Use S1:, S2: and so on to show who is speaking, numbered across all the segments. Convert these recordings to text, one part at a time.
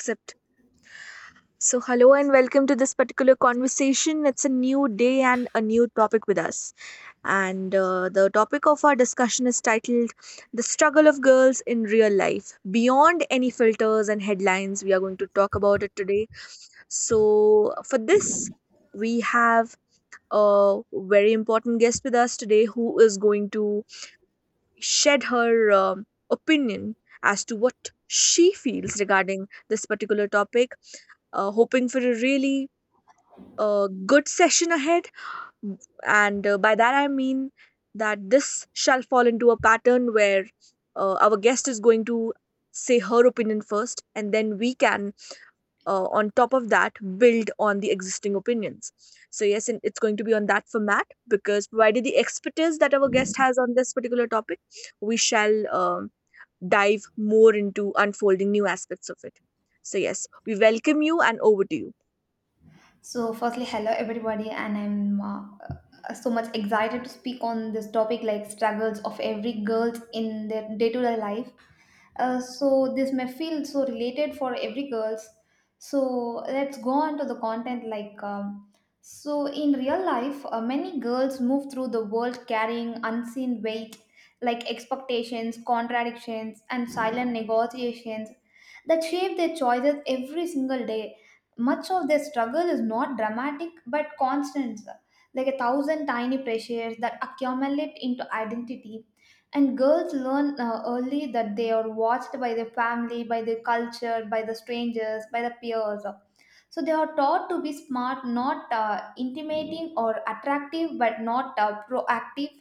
S1: Accept. So, hello and welcome to this particular conversation. It's a new day and a new topic with us. And the topic of our discussion is titled The Struggle of Girls in Real Life. Beyond any filters and headlines, we are going to talk about it today. So, for this, we have a very important guest with us today who is going to shed her opinion as to what she feels regarding this particular topic. Hoping for a really good session ahead. And by that, I mean that this shall fall into a pattern where our guest is going to say her opinion first, and then we can on top of that build on the existing opinions. So yes, and it's going to be on that format because provided the expertise that our guest has on this particular topic, we shall dive more into unfolding new aspects of it. So yes, we welcome you and over to you.
S2: So, firstly, hello everybody, and I'm so much excited to speak on this topic like struggles of every girl in their day to day life. This may feel so related for every girls. So, let's go on to the content like. In real life, many girls move through the world carrying unseen weight like expectations, contradictions, and silent negotiations that shape their choices every single day. Much of their struggle is not dramatic but constant, sir, like a thousand tiny pressures that accumulate into identity. And girls learn early that they are watched by their family, by their culture, by the strangers, by the peers. So they are taught to be smart, not intimidating or attractive, but not proactive,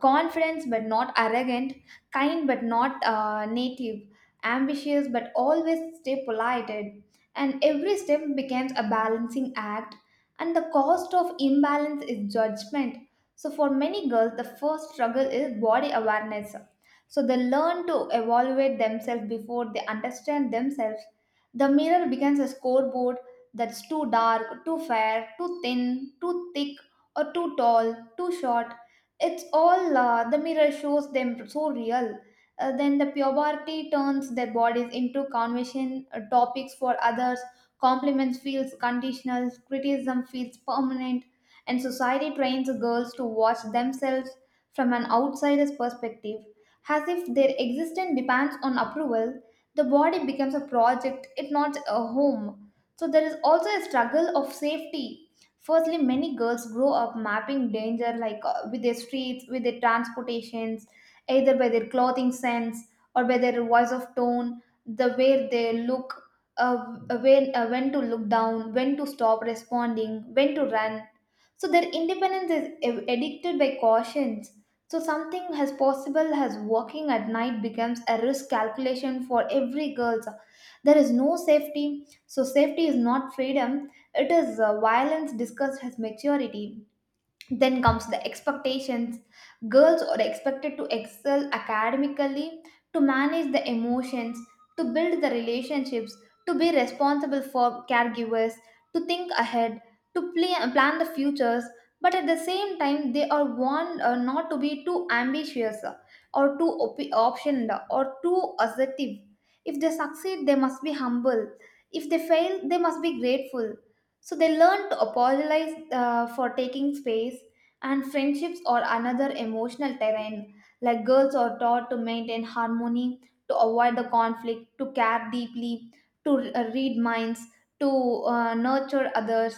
S2: confident but not arrogant, kind but not native, ambitious but always stay polite. And every step becomes a balancing act, and the cost of imbalance is judgment. So, for many girls, the first struggle is body awareness. So, they learn to evaluate themselves before they understand themselves. The mirror becomes a scoreboard that's too dark, too fair, too thin, too thick, or too tall, too short. It's all the mirror shows them so real. Then the puberty turns their bodies into conversation topics for others. Compliments feels conditional, criticism feels permanent, and society trains girls to watch themselves from an outsider's perspective, as if their existence depends on approval. The body becomes a project, it not a home. So there is also a struggle of safety. Firstly, many girls grow up mapping danger like with their streets, with their transportations, either by their clothing sense or by their voice of tone, the way they look, when to look down, when to stop responding, when to run. So their independence is addicted by cautions. So something as possible as walking at night becomes a risk calculation for every girl. There is no safety. So, safety is not freedom, it is violence discussed as maturity. Then comes the expectations. Girls are expected to excel academically, to manage the emotions, to build the relationships, to be responsible for caregivers, to think ahead, to plan the futures. But at the same time, they are warned not to be too ambitious , or too optioned or too assertive. If they succeed, they must be humble. If they fail, they must be grateful. So they learn to apologize for taking space, and friendships are another emotional terrain. Like girls are taught to maintain harmony, to avoid the conflict, to care deeply, to read minds, to nurture others.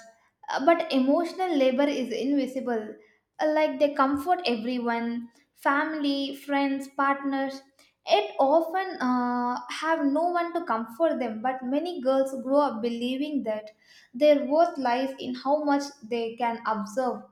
S2: But emotional labor is invisible. Like they comfort everyone, family, friends, partners. It often have no one to comfort them, but many girls grow up believing that their worth lies in how much they can observe.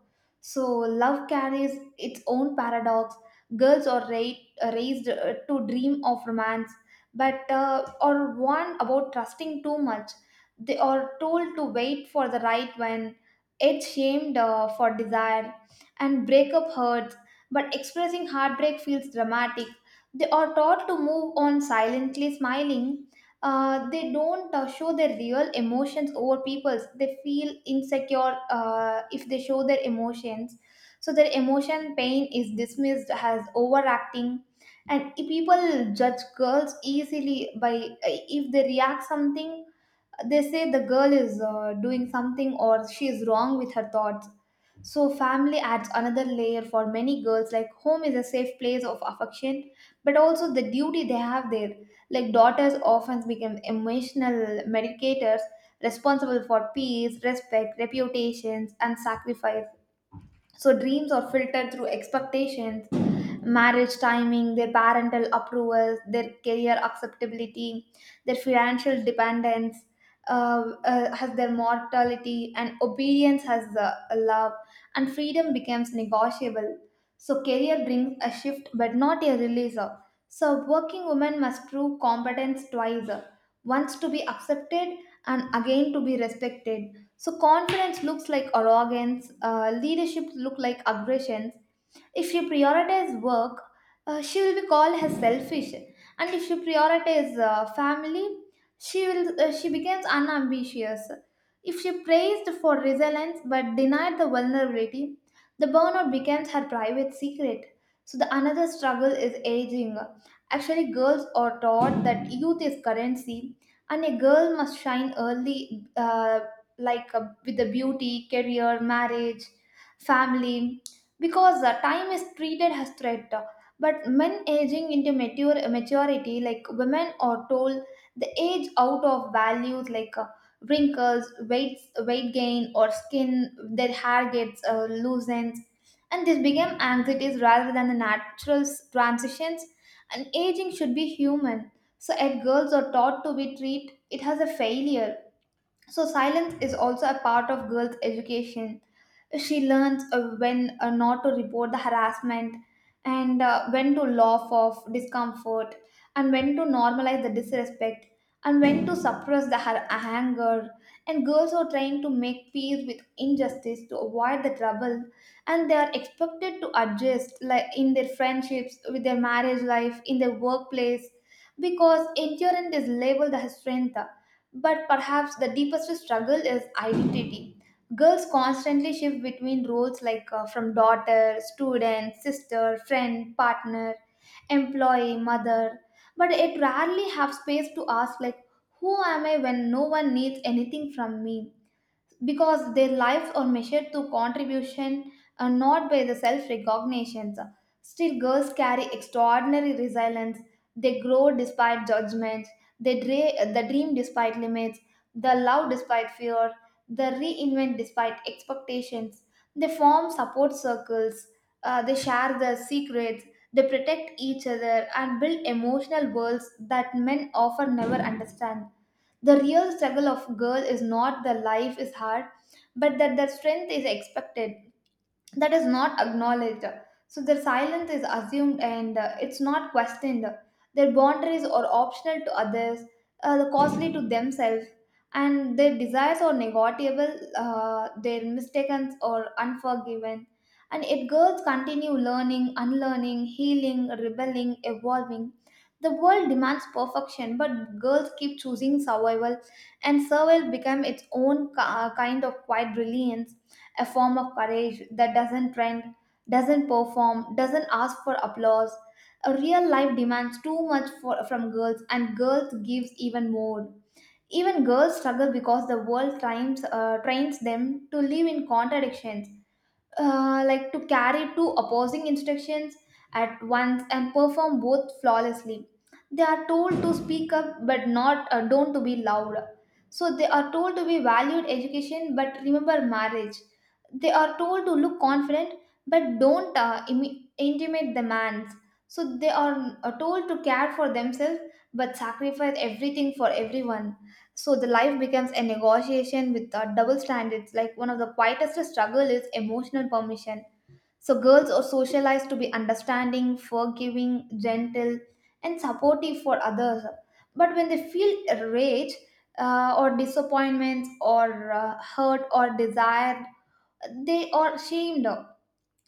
S2: So love carries its own paradox. Girls are raised to dream of romance, but are warned about trusting too much. They are told to wait for the right one, yet shamed for desire, and breakup hurts. But expressing heartbreak feels dramatic. They are taught to move on silently, smiling. They don't show their real emotions over people's. They feel insecure if they show their emotions, so their emotion pain is dismissed as overacting, and people judge girls easily by if they react something. They say the girl is doing something or she is wrong with her thoughts. So family adds another layer for many girls. Like home is a safe place of affection, but also the duty they have there. Like daughters often become emotional medicators, responsible for peace, respect, reputations, and sacrifice. So dreams are filtered through expectations, marriage timing, their parental approvals, their career acceptability, their financial dependence, has their mortality, and obedience has the love, and freedom becomes negotiable. So career brings a shift, but not a releaser. So working women must prove competence twice, once to be accepted and again to be respected. So confidence looks like arrogance, leadership look like aggressions. If she prioritize work, she will be called as selfish, and if she prioritize family, she becomes unambitious. If she praised for resilience but denied the vulnerability, the burnout becomes her private secret. So the another struggle is aging. Actually, girls are taught that youth is currency, and a girl must shine early, like with the beauty, career, marriage, family, because time is treated as threat. But men aging into mature maturity, like women are told, the age out of values like wrinkles, weight gain, or skin. Their hair gets loosens, and this became anxieties rather than the natural transitions. And aging should be human. So if girls are taught to be treat it as a failure. So, silence is also a part of girls' education. She learns when not to report the harassment, and when to laugh off discomfort, and when to normalize the disrespect, and when to suppress the anger. And girls are trying to make peace with injustice to avoid the trouble, and they are expected to adjust like in their friendships, with their marriage life, in their workplace, because endurance is labeled as strength. But perhaps the deepest struggle is identity. Girls constantly shift between roles like from daughter, student, sister, friend, partner, employee, mother, but it rarely have space to ask like who am I when no one needs anything from me, because their lives are measured through contribution and not by the self recognitions. Still, girls carry extraordinary resilience. They grow despite judgments, they dream despite limits, they love despite fear, they reinvent despite expectations, they form support circles, they share their secrets, they protect each other and build emotional worlds that men often never understand. The real struggle of girl is not that life is hard, but that their strength is expected, that is not acknowledged. So their silence is assumed and it's not questioned. Their boundaries are optional to others, costly to themselves, and their desires are negotiable, their mistakes are unforgiven. And yet, girls continue learning, unlearning, healing, rebelling, evolving. The world demands perfection, but girls keep choosing survival, and survival become its own kind of quiet brilliance, a form of courage that doesn't trend, doesn't perform, doesn't ask for applause. A real life demands too much for, from girls, and girls gives even more. Even girls struggle because the world trains them to live in contradictions, like to carry two opposing instructions at once and perform both flawlessly. They are told to speak up but not don't to be loud. So they are told to be valued education but remember marriage. They are told to look confident but don't intimate the man's. So they are told to care for themselves but sacrifice everything for everyone. So the life becomes a negotiation with the double standards. Like one of the quietest struggle is emotional permission. So girls are socialized to be understanding, forgiving, gentle, and supportive for others. But when they feel rage or disappointments or hurt or desired, they are shamed.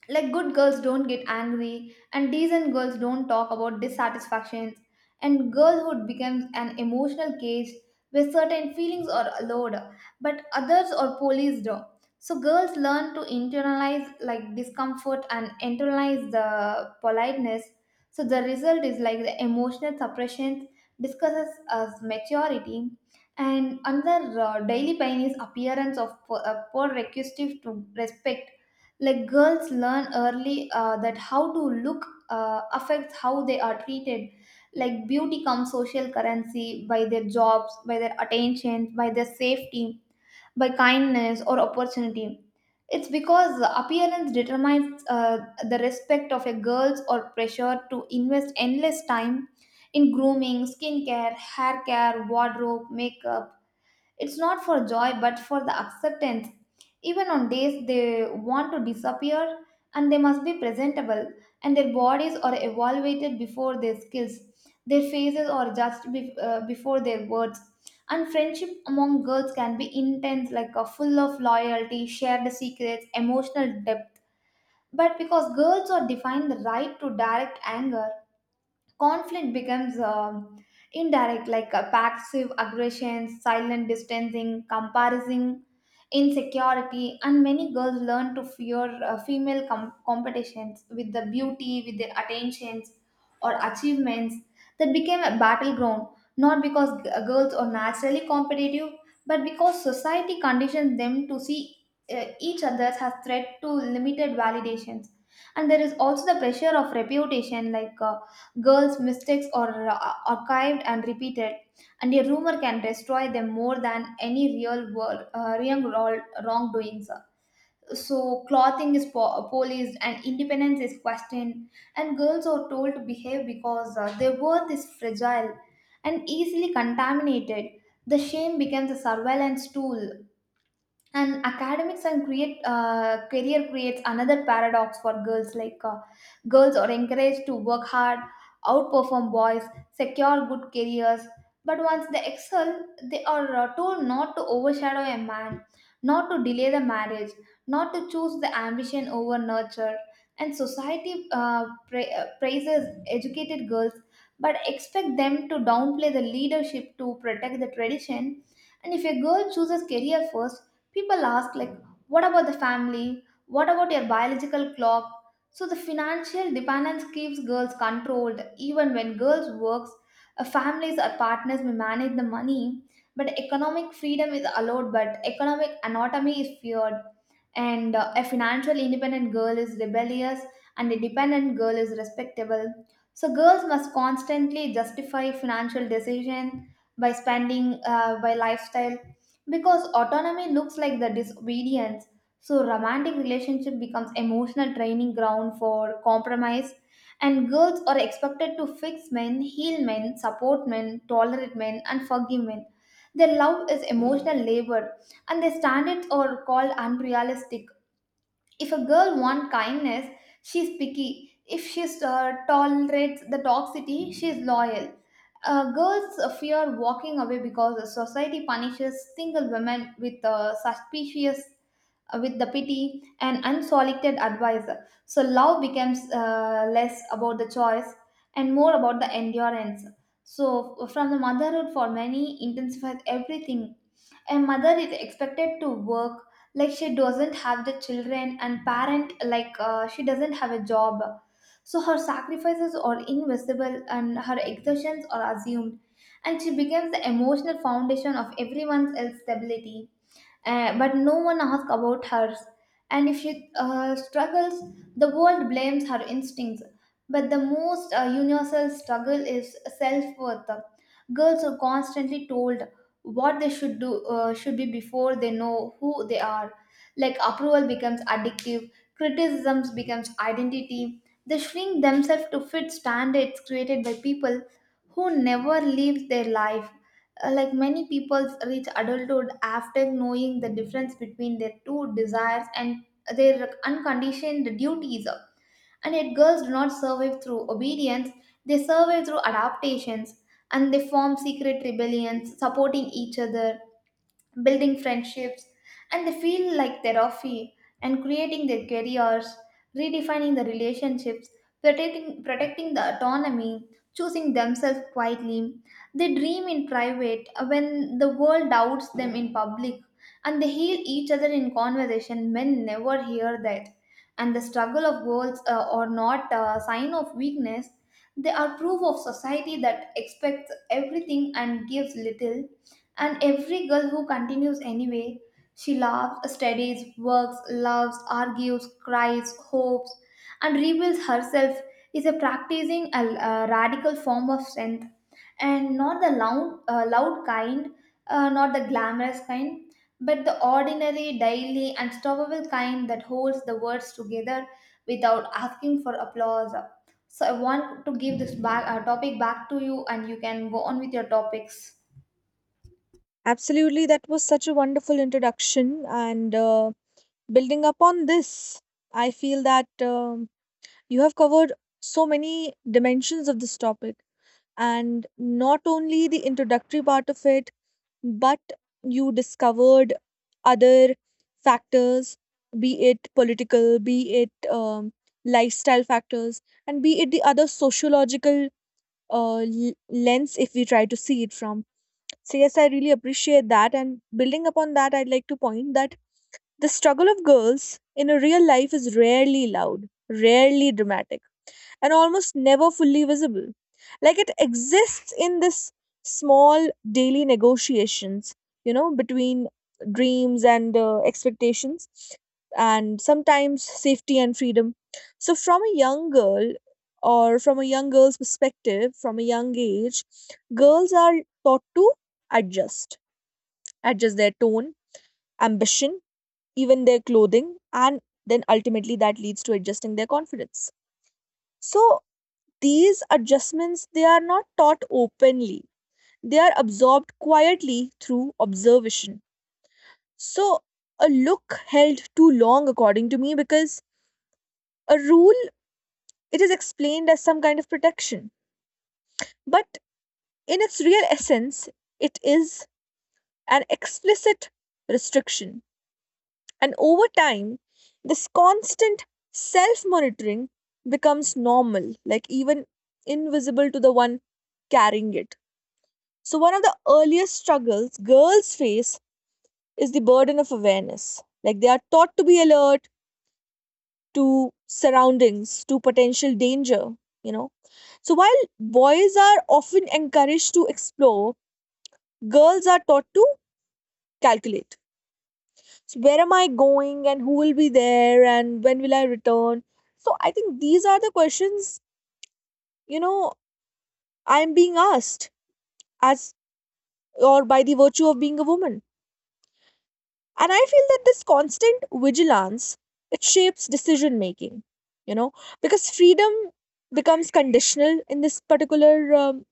S2: Like good girls don't get angry, and decent girls don't talk about dissatisfactions, and girlhood becomes an emotional cage where certain feelings are allowed, but others are policed. So girls learn to internalize like discomfort and internalize the politeness. So the result is like the emotional suppression discusses as maturity. And another daily pain is appearance of poor requisitive to respect. Like girls learn early that how to look affects how they are treated, like beauty comes social currency, by their jobs, by their attention, by their safety, by kindness or opportunity. It's because appearance determines the respect of a girls, or pressure to invest endless time in grooming, skincare, hair care, wardrobe, makeup. It's not for joy but for the acceptance. Even on days they want to disappear, and they must be presentable, and their bodies are evaluated before their skills. Their faces are judged before their words. And friendship among girls can be intense, like a full of loyalty, shared secrets, emotional depth. But because girls are defined the right to direct anger, conflict becomes indirect like passive aggression silent distancing comparison insecurity, and many girls learn to fear female competitions with the beauty, with their attentions or achievements that became a battleground, not because girls are naturally competitive, but because society conditions them to see each other as threat to limited validations. And there is also the pressure of reputation like girls' mistakes are archived and repeated, and a rumor can destroy them more than any real world wrongdoings. So clothing is policed and independence is questioned, and girls are told to behave because their worth is fragile and easily contaminated. The shame becomes a surveillance tool, and academics and create career creates another paradox for girls like girls are encouraged to work hard, outperform boys, secure good careers, but once they excel they are told not to overshadow a man, not to delay the marriage, not to choose the ambition over nurture. And society praises educated girls but expect them to downplay the leadership to protect the tradition. And if a girl chooses career first, people ask like what about the family, what about your biological clock? So the financial dependence keeps girls controlled. Even when girls works, families or partners may manage the money. But economic freedom is allowed, but economic anatomy is feared. And a financial independent girl is rebellious and a dependent girl is respectable. So girls must constantly justify financial decision by spending, by lifestyle, because autonomy looks like the disobedience. So romantic relationship becomes emotional training ground for compromise, and girls are expected to fix men, heal men, support men, tolerate men and forgive men. Their love is emotional labor, and their standards are called unrealistic. If a girl wants kindness, she's picky. If she tolerates the toxicity, she's loyal. Girls fear walking away because the society punishes single women with suspicious, with the pity and unsolicited advice. So love becomes less about the choice and more about the endurance. So from the motherhood for many intensifies everything. A mother is expected to work like she doesn't have the children, and parent like she doesn't have a job. So her sacrifices are invisible and her exertions are assumed, and she becomes the emotional foundation of everyone else's stability, but no one asks about hers. And if she struggles, the world blames her instincts. But the most universal struggle is self worth. Girls are constantly told what they should be before they know who they are. Like approval becomes addictive, criticisms becomes identity. They shrink themselves to fit standards created by people who never lived their life. Like many people reach adulthood after knowing the difference between their two desires and their unconditioned duties, and yet girls do not survive through obedience. They survive through adaptations, and they form secret rebellions, supporting each other, building friendships, and they feel like therapy, and creating their careers, redefining the relationships, protecting the autonomy, choosing themselves quietly. They dream in private when the world doubts them in public, and they heal each other in conversation. Men never hear that. And the struggle of goals are not a sign of weakness. They are proof of society that expects everything and gives little. And every girl who continues anyway, she laughs, studies, works, loves, argues, cries, hopes, and rebuilds herself, is a practicing a radical form of strength. And not the loud kind, not the glamorous kind, but the ordinary, daily, unstoppable kind that holds the words together without asking for applause. So I want to give this back, topic back to you, and you can go on with your topics.
S1: Absolutely, that was such a wonderful introduction. And building upon this, I feel that you have covered so many dimensions of this topic, and not only the introductory part of it, but you discovered other factors, be it political, be it lifestyle factors, and be it the other sociological lens if we try to see it from. So yes, I really appreciate that, and building upon that, I'd like to point that the struggle of girls in a real life is rarely loud, rarely dramatic, and almost never fully visible. Like it exists in this small daily negotiations, you know, between dreams and expectations, and sometimes safety and freedom. So, from a young girl, or from a young girl's perspective, from a young age, girls are taught to adjust, adjust their tone, ambition, even their clothing, and then ultimately that leads to adjusting their confidence. So, these adjustments, they are not taught openly. They are absorbed quietly through observation. So a look held too long, according to me, because a rule, it is explained as some kind of protection, but in its real essence, it is an explicit restriction. And over time, this constant self monitoring becomes normal, like even invisible to the one carrying it. So, one of the earliest struggles girls face is the burden of awareness. Like they are taught to be alert to surroundings, to potential danger, you know. So, while boys are often encouraged to explore, girls are taught to calculate. So, where am I going, and who will be there, and when will I return? So, I think these are the questions, you know, I'm being asked as or by the virtue of being a woman. And I feel that this constant vigilance, it shapes decision making, you know, because freedom becomes conditional in this particular um,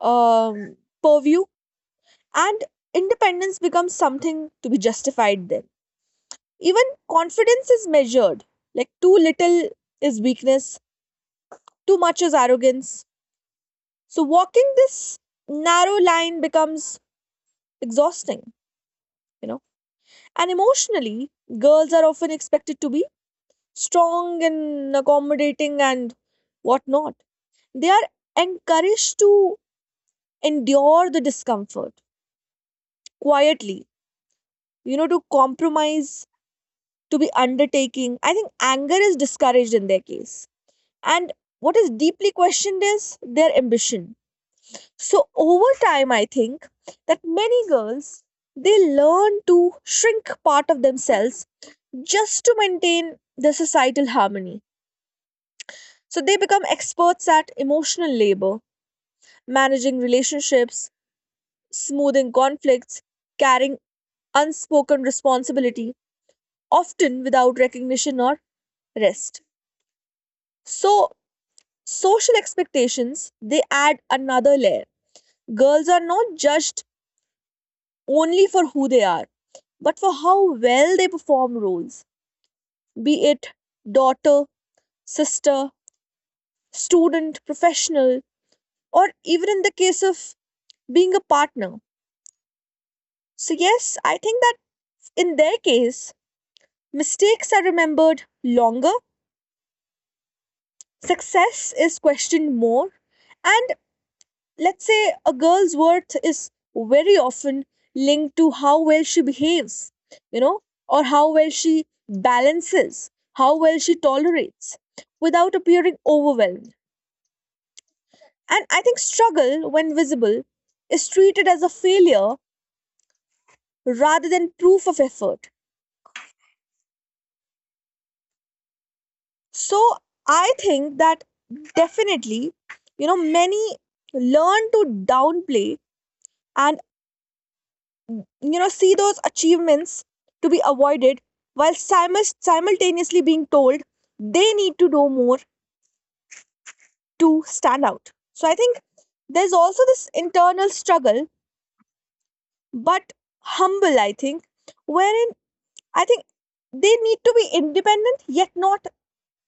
S1: um, purview, and independence becomes something to be justified then. Even confidence is measured, like too little is weakness, too much is arrogance. So walking this narrow line becomes exhausting, you know. And emotionally, girls are often expected to be strong and accommodating and whatnot. They are encouraged to endure the discomfort quietly, you know, to compromise, to be undertaking. I think anger is discouraged in their case. And what is deeply questioned is their ambition. So, over time, I think that many girls, they learn to shrink part of themselves just to maintain the societal harmony. So, they become experts at emotional labor, managing relationships, smoothing conflicts, carrying unspoken responsibility, often without recognition or rest. So, social expectations, they add another layer. Girls are not judged only for who they are, but for how well they perform roles, be it daughter, sister, student, professional, or even in the case of being a partner. So, yes, I think that in their case, mistakes are remembered longer, success is questioned more, and let's say a girl's worth is very often linked to how well she behaves, you know, or how well she balances, how well she tolerates without appearing overwhelmed. And I think struggle, when visible, is treated as a failure rather than proof of effort. So I think that definitely, you know, many learn to downplay and, you know, see those achievements to be avoided while simultaneously being told they need to do more to stand out. So I think there's also this internal struggle, but humble, I think, wherein I think they need to be independent yet not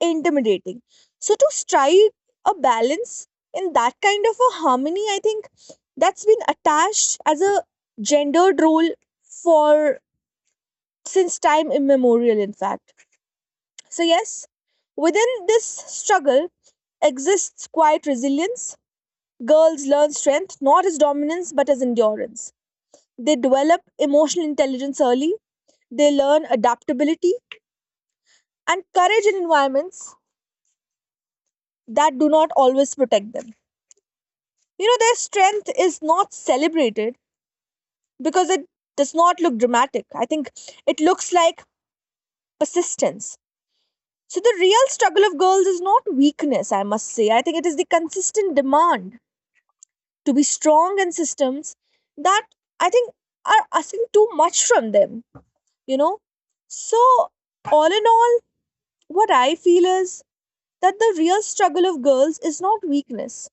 S1: intimidating. So to strike a balance in that kind of a harmony, I think that's been attached as a gendered role for since time immemorial, in fact. So yes, within this struggle exists quiet resilience. Girls learn strength not as dominance but as endurance. They develop emotional intelligence early. They learn adaptability and courage in environments that do not always protect them. You know, their strength is not celebrated because it does not look dramatic. I think it looks like persistence. So the real struggle of girls is not weakness, I must say. I think it is the consistent demand to be strong in systems that, I think, are asking too much from them, you know. So, all in all, what I feel is that the real struggle of girls is not weakness.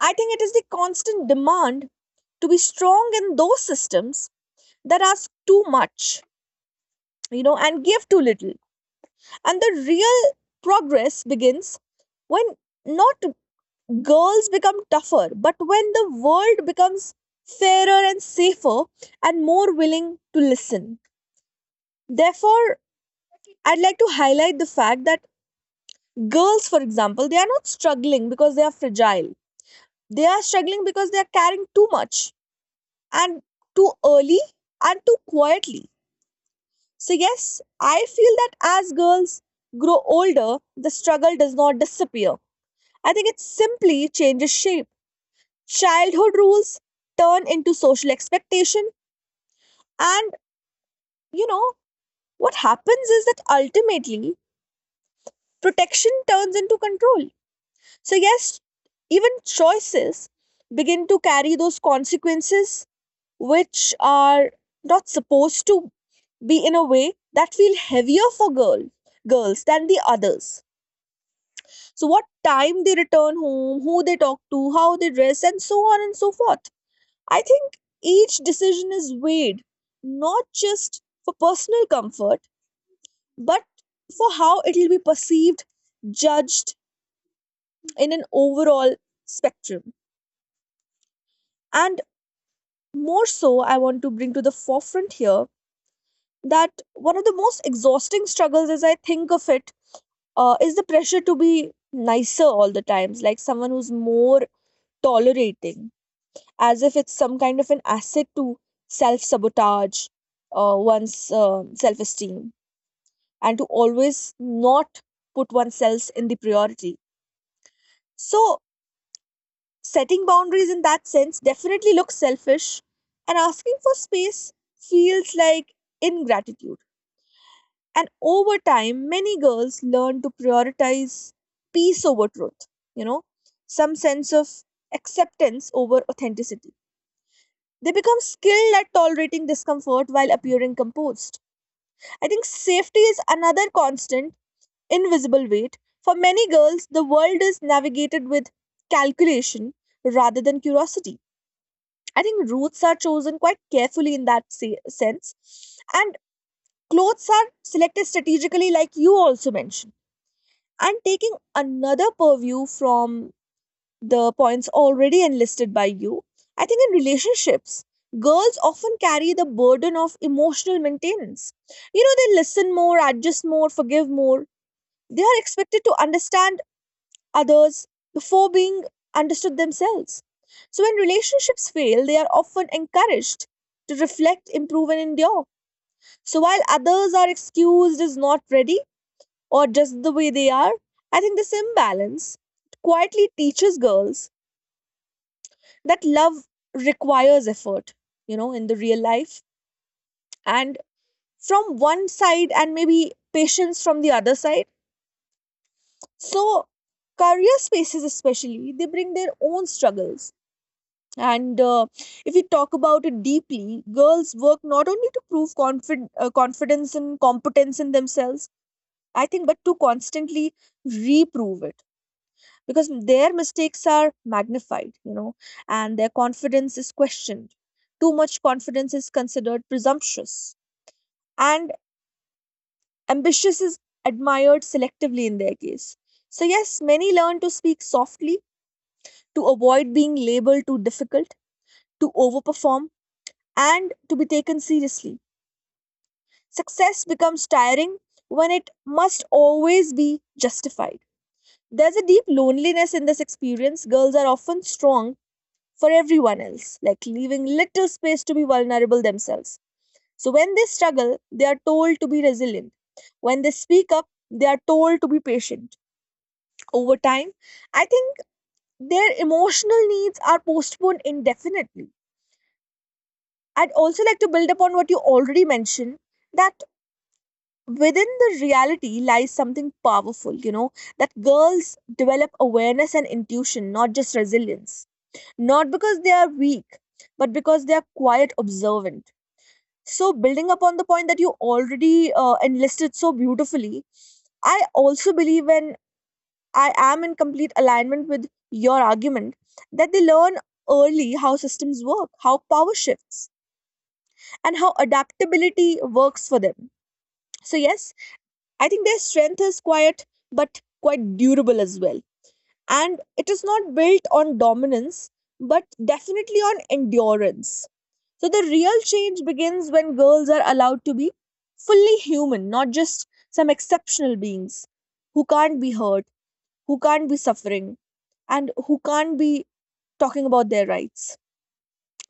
S1: I think it is the constant demand to be strong in those systems that ask too much, you know, and give too little. And the real progress begins when not girls become tougher, but when the world becomes fairer and safer and more willing to listen. Therefore, I'd like to highlight the fact that girls, for example, they are not struggling because they are fragile. They are struggling because they are carrying too much, and too early, and too quietly. So, yes, I feel that as girls grow older, the struggle does not disappear. I think it simply changes shape. Childhood rules turn into social expectation, and, you know, what happens is that ultimately protection turns into control. So, yes, even choices begin to carry those consequences which are not supposed to be in a way that feel heavier for girls than the others. So, what time they return home, who they talk to, how they dress, and so on and so forth. I think each decision is weighed not just for personal comfort, but for how it will be perceived, judged in an overall spectrum. And more so, I want to bring to the forefront here that one of the most exhausting struggles, as I think of it, is the pressure to be nicer all the times, like someone who's more tolerating, as if it's some kind of an asset to self sabotage one's self esteem and to always not put oneself in the priority. So, setting boundaries in that sense definitely looks selfish, and asking for space feels like ingratitude. And over time, many girls learn to prioritize peace over truth, you know, some sense of acceptance over authenticity. They become skilled at tolerating discomfort while appearing composed. I think safety is another constant, invisible weight. For many girls, the world is navigated with calculation rather than curiosity. I think routes are chosen quite carefully in that sense, and clothes are selected strategically, like you also mentioned. And taking another purview from the points already enlisted by you, I think in relationships, girls often carry the burden of emotional maintenance. You know, they listen more, adjust more, forgive more. They are expected to understand others before being understood themselves. So when relationships fail, they are often encouraged to reflect, improve, and endure. So while others are excused as not ready or just the way they are, I think this imbalance quietly teaches girls that love requires effort, you know, in the real life, and from one side, and maybe patience from the other side. So, career spaces, especially, they bring their own struggles. And if you talk about it deeply, girls work not only to prove confidence and competence in themselves, I think, but to constantly reprove it, because their mistakes are magnified, you know, and their confidence is questioned. Too much confidence is considered presumptuous, and ambitious is admired selectively in their case. So yes, many learn to speak softly to avoid being labeled too difficult, to overperform, and to be taken seriously. Success becomes tiring when it must always be justified. There's a deep loneliness in this experience. Girls are often strong for everyone else, like leaving little space to be vulnerable themselves. So when they struggle, they are told to be resilient. When they speak up, they are told to be patient. Over time, I think their emotional needs are postponed indefinitely. I'd also like to build upon what you already mentioned, that within the reality lies something powerful, you know, that girls develop awareness and intuition, not just resilience. Not because they are weak, but because they are quiet observant. So, building upon the point that you already enlisted so beautifully, I also believe, and I am in complete alignment with your argument, that they learn early how systems work, how power shifts, and how adaptability works for them. So, yes, I think their strength is quiet, but quite durable as well, and it is not built on dominance but definitely on endurance. So the real change begins when girls are allowed to be fully human, not just some exceptional beings who can't be hurt, who can't be suffering, and who can't be talking about their rights.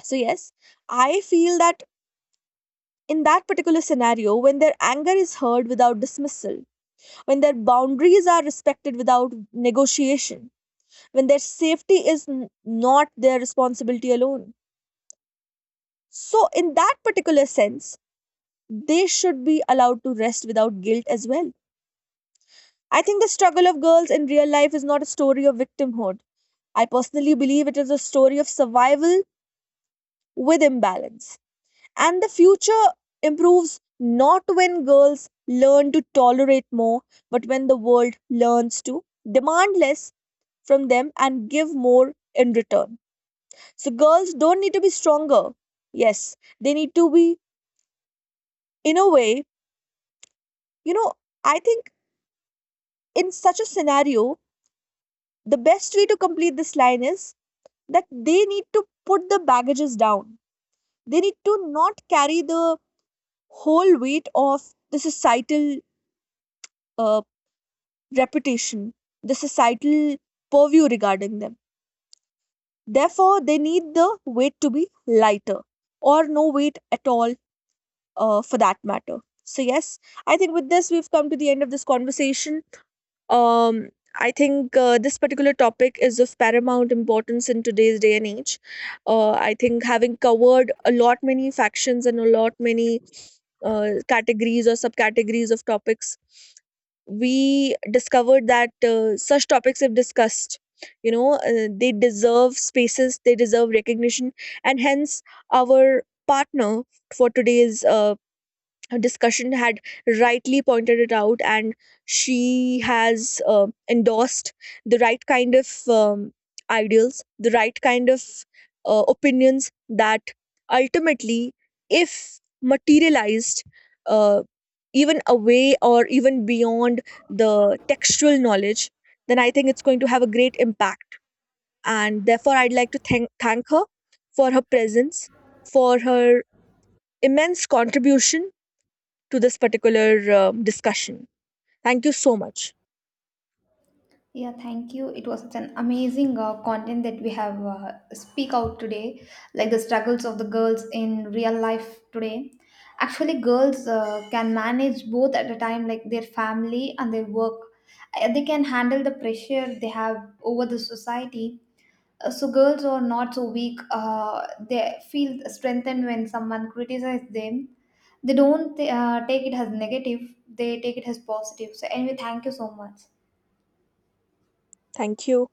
S1: So, yes, I feel that in that particular scenario, when their anger is heard without dismissal, when their boundaries are respected without negotiation, when their safety is not their responsibility alone. So, in that particular sense, they should be allowed to rest without guilt as well. I think the struggle of girls in real life is not a story of victimhood. I personally believe it is a story of survival with imbalance. And the future improves not when girls learn to tolerate more, but when the world learns to demand less from them and give more in return. So girls don't need to be stronger. Yes, they need to be, in a way, you know, I think in such a scenario, the best way to complete this line is that they need to put the baggages down. They need to not carry the whole weight of the societal uh, reputation, the societal purview regarding them. Therefore, they need the weight to be lighter or no weight at all, for that matter. So, yes, I think with this, we've come to the end of this conversation. Um, I think this particular topic is of paramount importance in today's day and age. I think having covered a lot many factions and a lot many categories or subcategories of topics, we discovered that such topics, if discussed, you know, they deserve spaces, they deserve recognition, and hence our partner for today's her discussion had rightly pointed it out, and she has endorsed the right kind of ideals, the right kind of opinions that ultimately, if materialized, uh, even away or even beyond the textual knowledge, then I think it's going to have a great impact. And therefore, I'd like to thank her for her presence, for her immense contribution to this particular discussion. Thank you so much.
S2: Yeah, thank you. It was such an amazing content that we have speak out today, like the struggles of the girls in real life today. Actually, girls can manage both at a time, like their family and their work. They can handle the pressure they have over the society. So girls are not so weak. They feel strengthened when someone criticizes them. They don't take it as negative. They take it as positive. So anyway, thank you so much.
S1: Thank you.